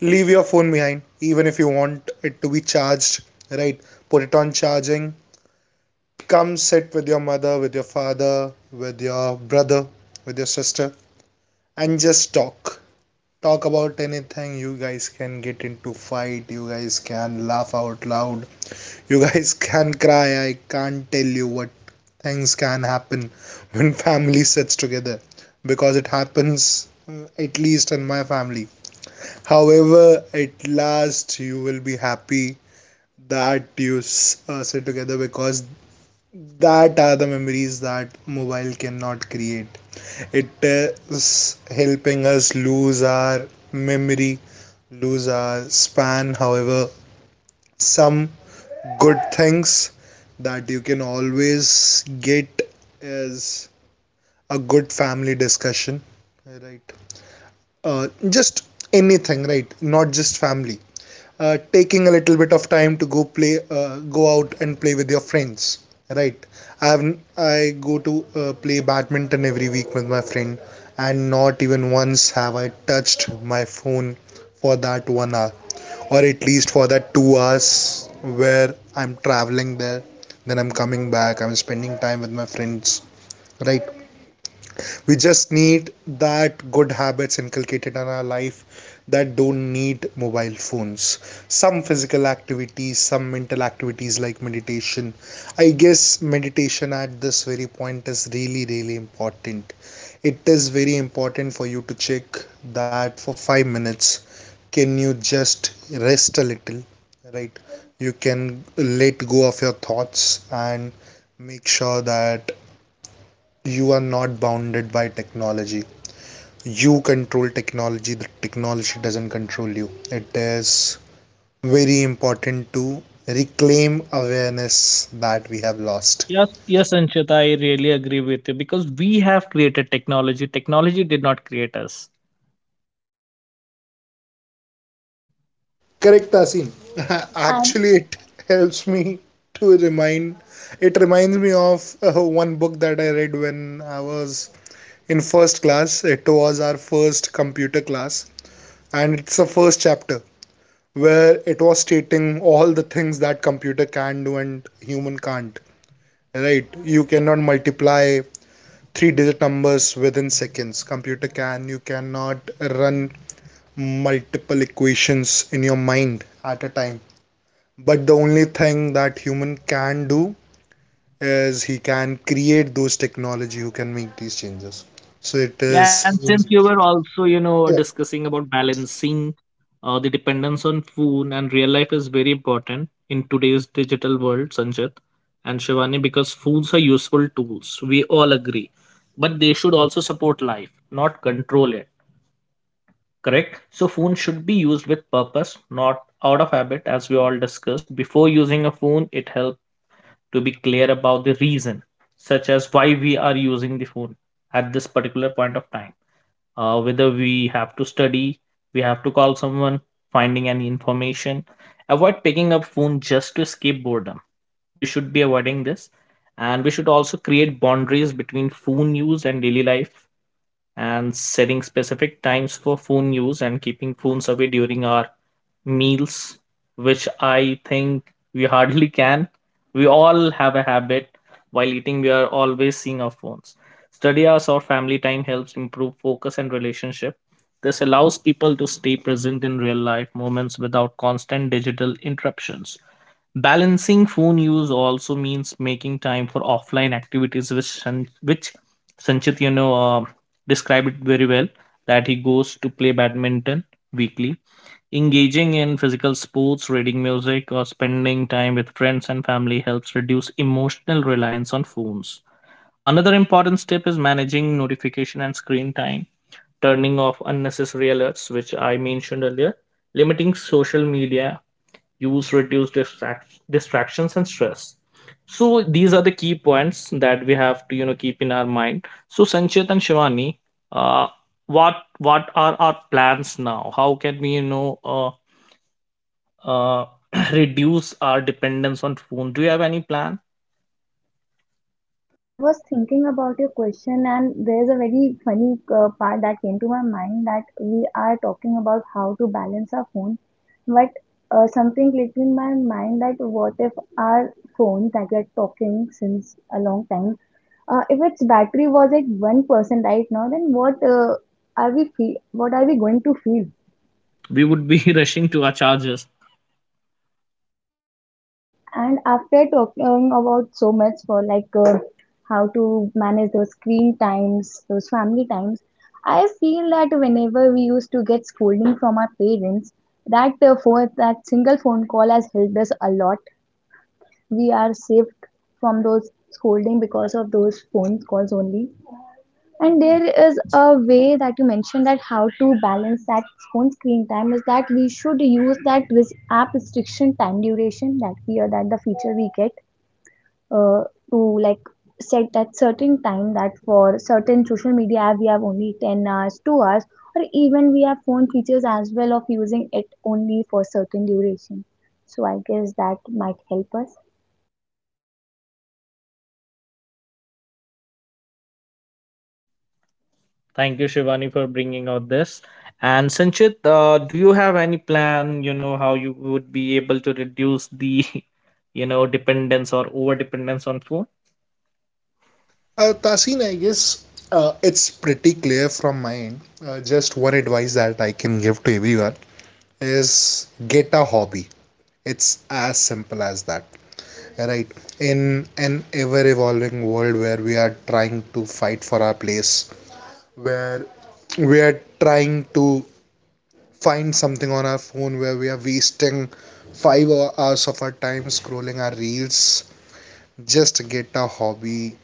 A: leave your phone behind, even if you want it to be charged, right? Put it on charging. Come sit with your mother, with your father, with your brother, with your sister, and just talk. Talk about anything. You guys can get into fight, you guys can laugh out loud, you guys [laughs] can cry. I can't tell you what things can happen when family sits together, because it happens, at least in my family. However, at last you will be happy that you sit together, because that are the memories that mobile cannot create. It is helping us lose our memory, lose our span. However, some good things that you can always get is a good family discussion, right? Just anything, right? Not just family. Taking a little bit of time to go play, go out and play with your friends, right? I have I go to play badminton every week with my friend, and not even once have I touched my phone for that 1 hour, or at least for that 2 hours where I'm traveling there. Then I'm coming back, I'm spending time with my friends, right? We just need that good habits inculcated in our life that don't need mobile phones. Some physical activities, some mental activities like meditation. I guess meditation at this very point is really, really important. It is very important for you to check that for 5 minutes, can you just rest a little, right? You can let go of your thoughts and make sure that you are not bounded by technology. You control technology, the technology doesn't control you. It is very important to reclaim awareness that we have lost.
B: Yes, yes, Anchit, I really agree with you because we have created technology. Technology did not create us.
A: Correct, Tasim. [laughs]
C: I
A: Actually, it helps me to remind, it reminds me of one book that I read when I was in first class. It was our first computer class, and it's the first chapter where it was stating all the things that computer can do and human can't, right? You cannot multiply three digit numbers within seconds, computer can. You cannot run multiple equations in your mind at a time, but the only thing that human can do is he can create those technology who can make these changes. So it is,
B: Yeah, and since you were also
A: yeah.
B: discussing about balancing the dependence on phone and real life is very important in today's digital world, Sanjit and Shivani, because phones are useful tools. We all agree. But they should also support life, not control it. Correct. So phone should be used with purpose, not out of habit, as we all discussed. Before using a phone, it helps to be clear about the reason, such as why we are using the phone at this particular point of time. Whether we have to study, we have to call someone, finding any information. Avoid picking up phone just to escape boredom. We should be avoiding this, and we should also create boundaries between phone use and daily life and setting specific times for phone use and keeping phones away during our meals, which I think we hardly [laughs] can. We all have a habit, while eating, we are always seeing our phones. Study hours or family time helps improve focus and relationship. This allows people to stay present in real life moments without constant digital interruptions. Balancing phone use also means making time for offline activities, which Sanchit described it very well. That he goes to play badminton weekly, engaging in physical sports, reading music, or spending time with friends and family helps reduce emotional reliance on phones. Another important step is managing notification and screen time, turning off unnecessary alerts, which I mentioned earlier, limiting social media use reduce distractions and stress. So these are the key points that we have to keep in our mind. So, Sanchit and Shivani, uh, what are our plans now? How can we uh, [clears throat] reduce our dependence on phone? Do you have any plan?
C: I was thinking about your question, and there's a very funny part that came to my mind that we are talking about how to balance our phone, but something clicked in my mind that what if our phone that we are talking since a long time, if its battery was at 1% right now, then what are we feel? What are we going to feel?
B: We would be [laughs] rushing to our chargers.
C: And after talking about so much for how to manage those screen times, those family times, I feel that whenever we used to get scolding from our parents, that for that single phone call has helped us a lot. We are saved from those scolding because of those phone calls only. And there is a way that you mentioned that how to balance that phone screen time is that we should use that app restriction time duration that we or that the feature we get uh, to like set that certain time that for certain social media app we have only 10 hours, 2 hours, or even we have phone features as well of using it only for certain duration. So I guess that might help us.
B: Thank you, Shivani, for bringing out this. And Sanchit, do you have any plan, how you would be able to reduce the, [laughs] dependence or over dependence on food?
A: Tasin, I guess it's pretty clear from my end. Just one advice that I can give to everyone is get a hobby. It's as simple as that, right? In an ever evolving world where we are trying to fight for our place, where we are trying to find something on our phone, where we are wasting 5 hours of our time scrolling our reels, just get a hobby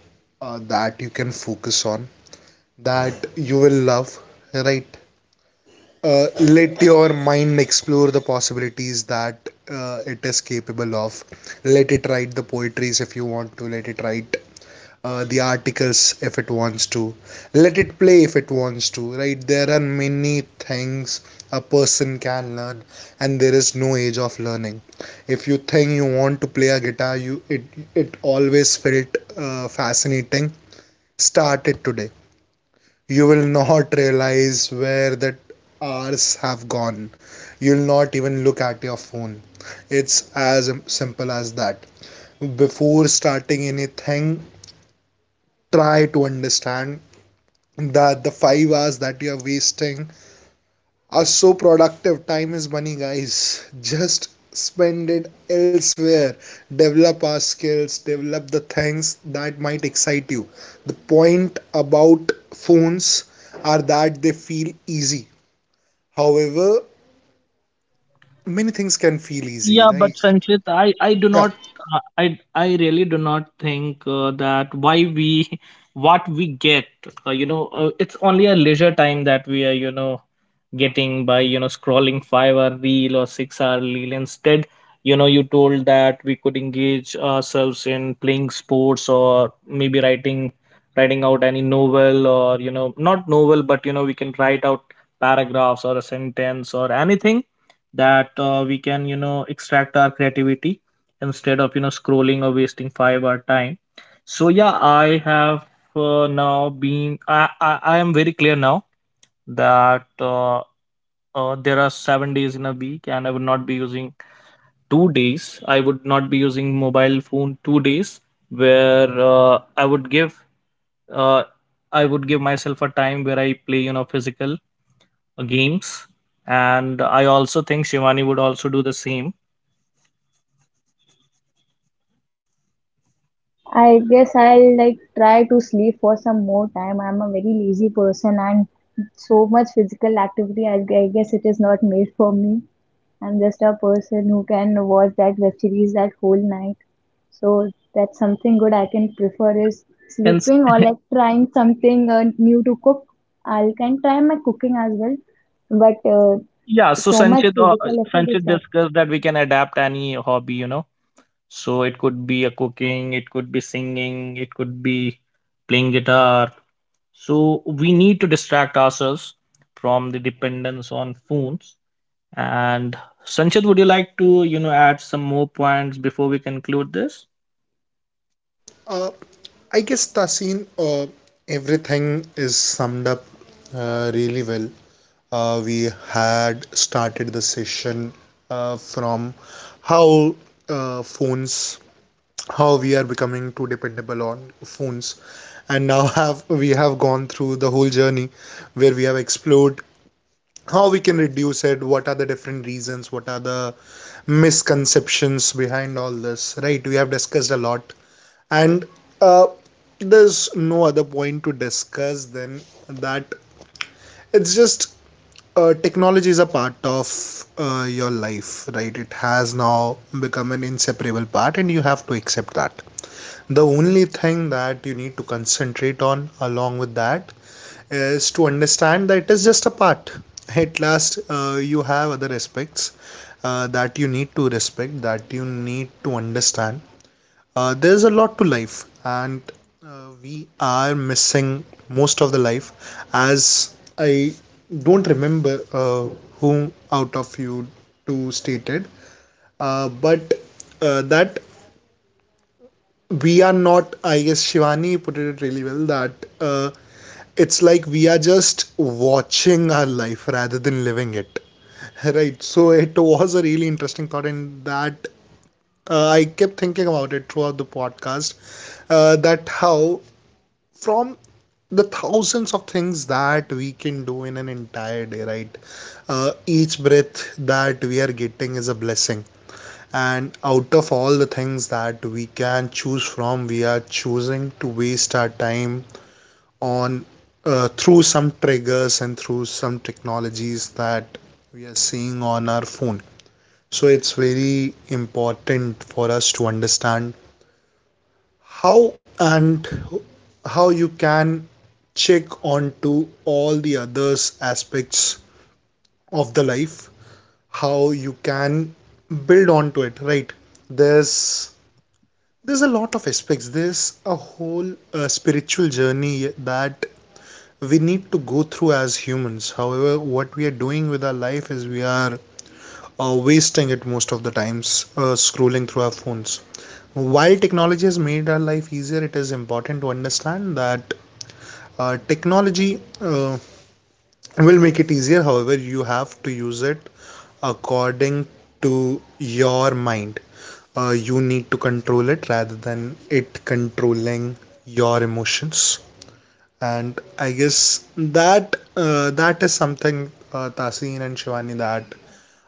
A: that you can focus on, that you will love, right? Let your mind explore the possibilities that it is capable of. Let it write the poetries if you want to, let it write the articles if it wants to, let it play if it wants to, right? There are many things a person can learn, and there is no age of learning. If you think you want to play a guitar, you it it always felt fascinating. Start it today, you will not realize where that hours have gone. You'll not even look at your phone. It's as simple as that. Before starting anything, try to understand that the 5 hours that you're wasting are so productive. Time is money, guys. [laughs] Just spend it elsewhere. Develop our skills, develop the things that might excite you. The point about phones are that they feel easy. However, many things can feel easy,
B: Yeah, but
A: right?
B: Sanchit, I do
A: Yeah.
B: not, I really do not think that why we [laughs] what we get it's only a leisure time that we are getting by scrolling 5 hour reel or 6 hour reel. Instead, you told that we could engage ourselves in playing sports, or maybe writing out any novel, or not novel, but we can write out paragraphs or a sentence or anything that we can extract our creativity instead of scrolling or wasting 5 hour time, so yeah. I have now been I am very clear now that there are 7 days in a week, and I would not be using 2 days. I would not be using mobile phone 2 days, where uh, I would give myself a time where I play physical games. And I also think Shivani would also do the same.
C: I guess I'll like try to sleep for some more time. I'm a very lazy person, and so much physical activity I guess it is not made for me. I'm just a person who can watch that web series that whole night. So that's something good I can prefer is
B: And s-
C: sleeping or like trying something new to cook. I can try my cooking as well, but
B: yeah, so
C: so much
B: Sanchit, uh,
C: physical effort is
B: Sanchit
C: tough.
B: discussed that we can adapt any hobby. So it could be a cooking, it could be singing, it could be playing guitar. So we need to distract ourselves from the dependence on phones. And Sanchit, would you like to add some more points before we conclude this?
A: Uh, I guess Tasin, everything is summed up really well. We had started the session from how phones, how we are becoming too dependable on phones, and now have we have gone through the whole journey where we have explored how we can reduce it, what are the different reasons, what are the misconceptions behind all this, right? We have discussed a lot, and uh, there's no other point to discuss than that it's just technology is a part of your life, right? It has now become an inseparable part, and you have to accept that. The only thing that you need to concentrate on along with that is to understand that it is just a part. At last, you have other aspects that you need to respect, that you need to understand. There's a lot to life, and we are missing most of the life. As I don't remember whom out of you two stated, but that we are not, I guess Shivani put it really well, that uh, it's like we are just watching our life rather than living it. [laughs] Right, so it was a really interesting thought, and that I kept thinking about it throughout the podcast that how from the thousands of things that we can do in an entire day, right? Each breath that we are getting is a blessing. And out of all the things that we can choose from, we are choosing to waste our time on through some triggers and through some technologies that we are seeing on our phone. So it's very important for us to understand how and how you can check on to all the others aspects of the life, how you can build onto it, right? There's there's a lot of aspects. There's a whole spiritual journey that we need to go through as humans. However, what we are doing with our life is we are wasting it most of the times scrolling through our phones. While technology has made our life easier, it is important to understand that technology will make it easier. However, you have to use it according to your mind. You need to control it rather than it controlling your emotions. And I guess that that is something Tasin and Shivani that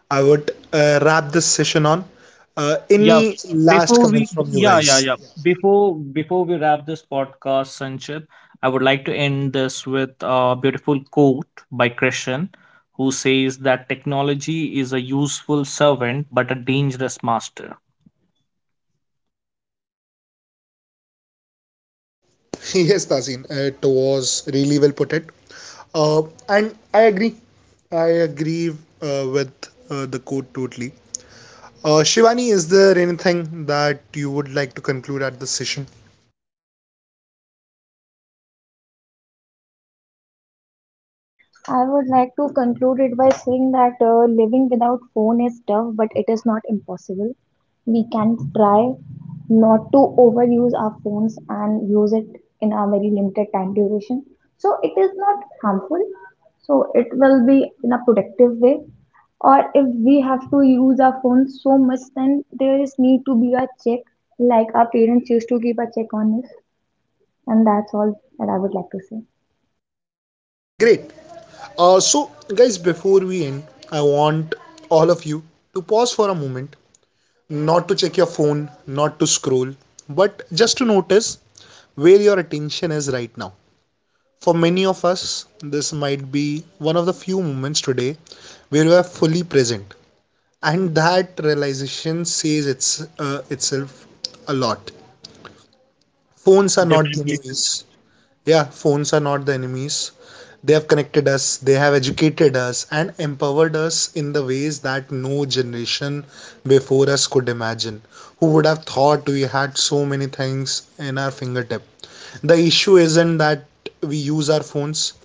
A: I would wrap this session on.
B: Yeah.
A: Any last comments from you
B: Yeah, yeah,
A: guys?
B: yeah. Before we wrap this podcast, Sanchit, I would like to end this with a beautiful quote by Christian, who says that technology is a useful servant but a dangerous master.
A: [laughs] Yes, Tasin, it was really well put it. Uh, and I agree. I agree with the quote totally. Shivani, is there anything that you would like to conclude at this session?
C: I would like to conclude it by saying that living without phone is tough, but it is not impossible. We can try not to overuse our phones and use it in a very limited time duration. So it is not harmful. So it will be in a productive way. Or if we have to use our phones so much, then there is need to be a check, like our parents used to keep a check on us. And that's all that I would like to say.
A: Great. So, guys, before we end, I want all of you to pause for a moment, not to check your phone, not to scroll, but just to notice where your attention is right now. For many of us, this might be one of the few moments today where you are fully present, and that realization says it's itself a lot. Phones are not the
B: Definitely, Sanchit.
A: enemies. Yeah, phones are not the enemies. They have connected us, they have educated us and empowered us in the ways that no generation before us could imagine. Who would have thought we had so many things in our fingertip? The issue isn't that we use our phones,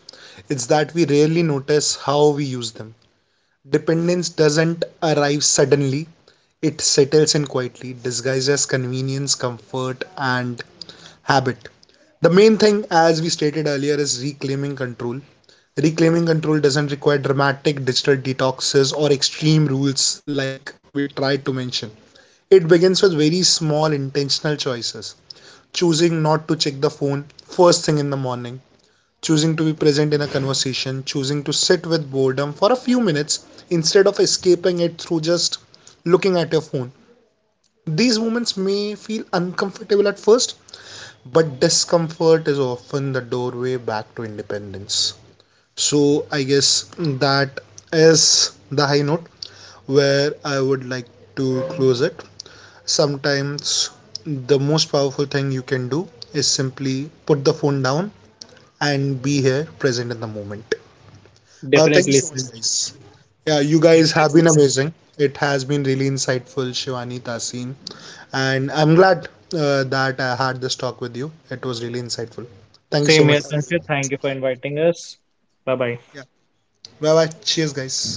A: it's that we rarely notice how we use them. Dependence doesn't arrive suddenly. It settles in quietly, disguised as convenience, comfort, and habit. The main thing, as we stated earlier, is reclaiming control. Reclaiming control doesn't require dramatic digital detoxes or extreme rules like we tried to mention. It begins with very small intentional choices. Choosing not to check the phone first thing in the morning, choosing to be present in a conversation, choosing to sit with boredom for a few minutes instead of escaping it through just looking at your phone. These moments may feel uncomfortable at first, but discomfort is often the doorway back to independence. So I guess that is the high note where I would like to close it. Sometimes the most powerful thing you can do is simply put the phone down and be here present in the moment. Thank you
B: Definitely,
A: so much,
B: Sanchit.
A: guys. Yeah, you guys have
B: Definitely,
A: been
B: Sanchit.
A: amazing. It has been really insightful, Shivani, Tasin, and I'm glad that I had this talk with you. It was really insightful. Thank you so
B: Same
A: much.
B: here, Sanchit. Thank you for inviting us. Bye bye.
A: Yeah. Bye bye. Cheers, guys.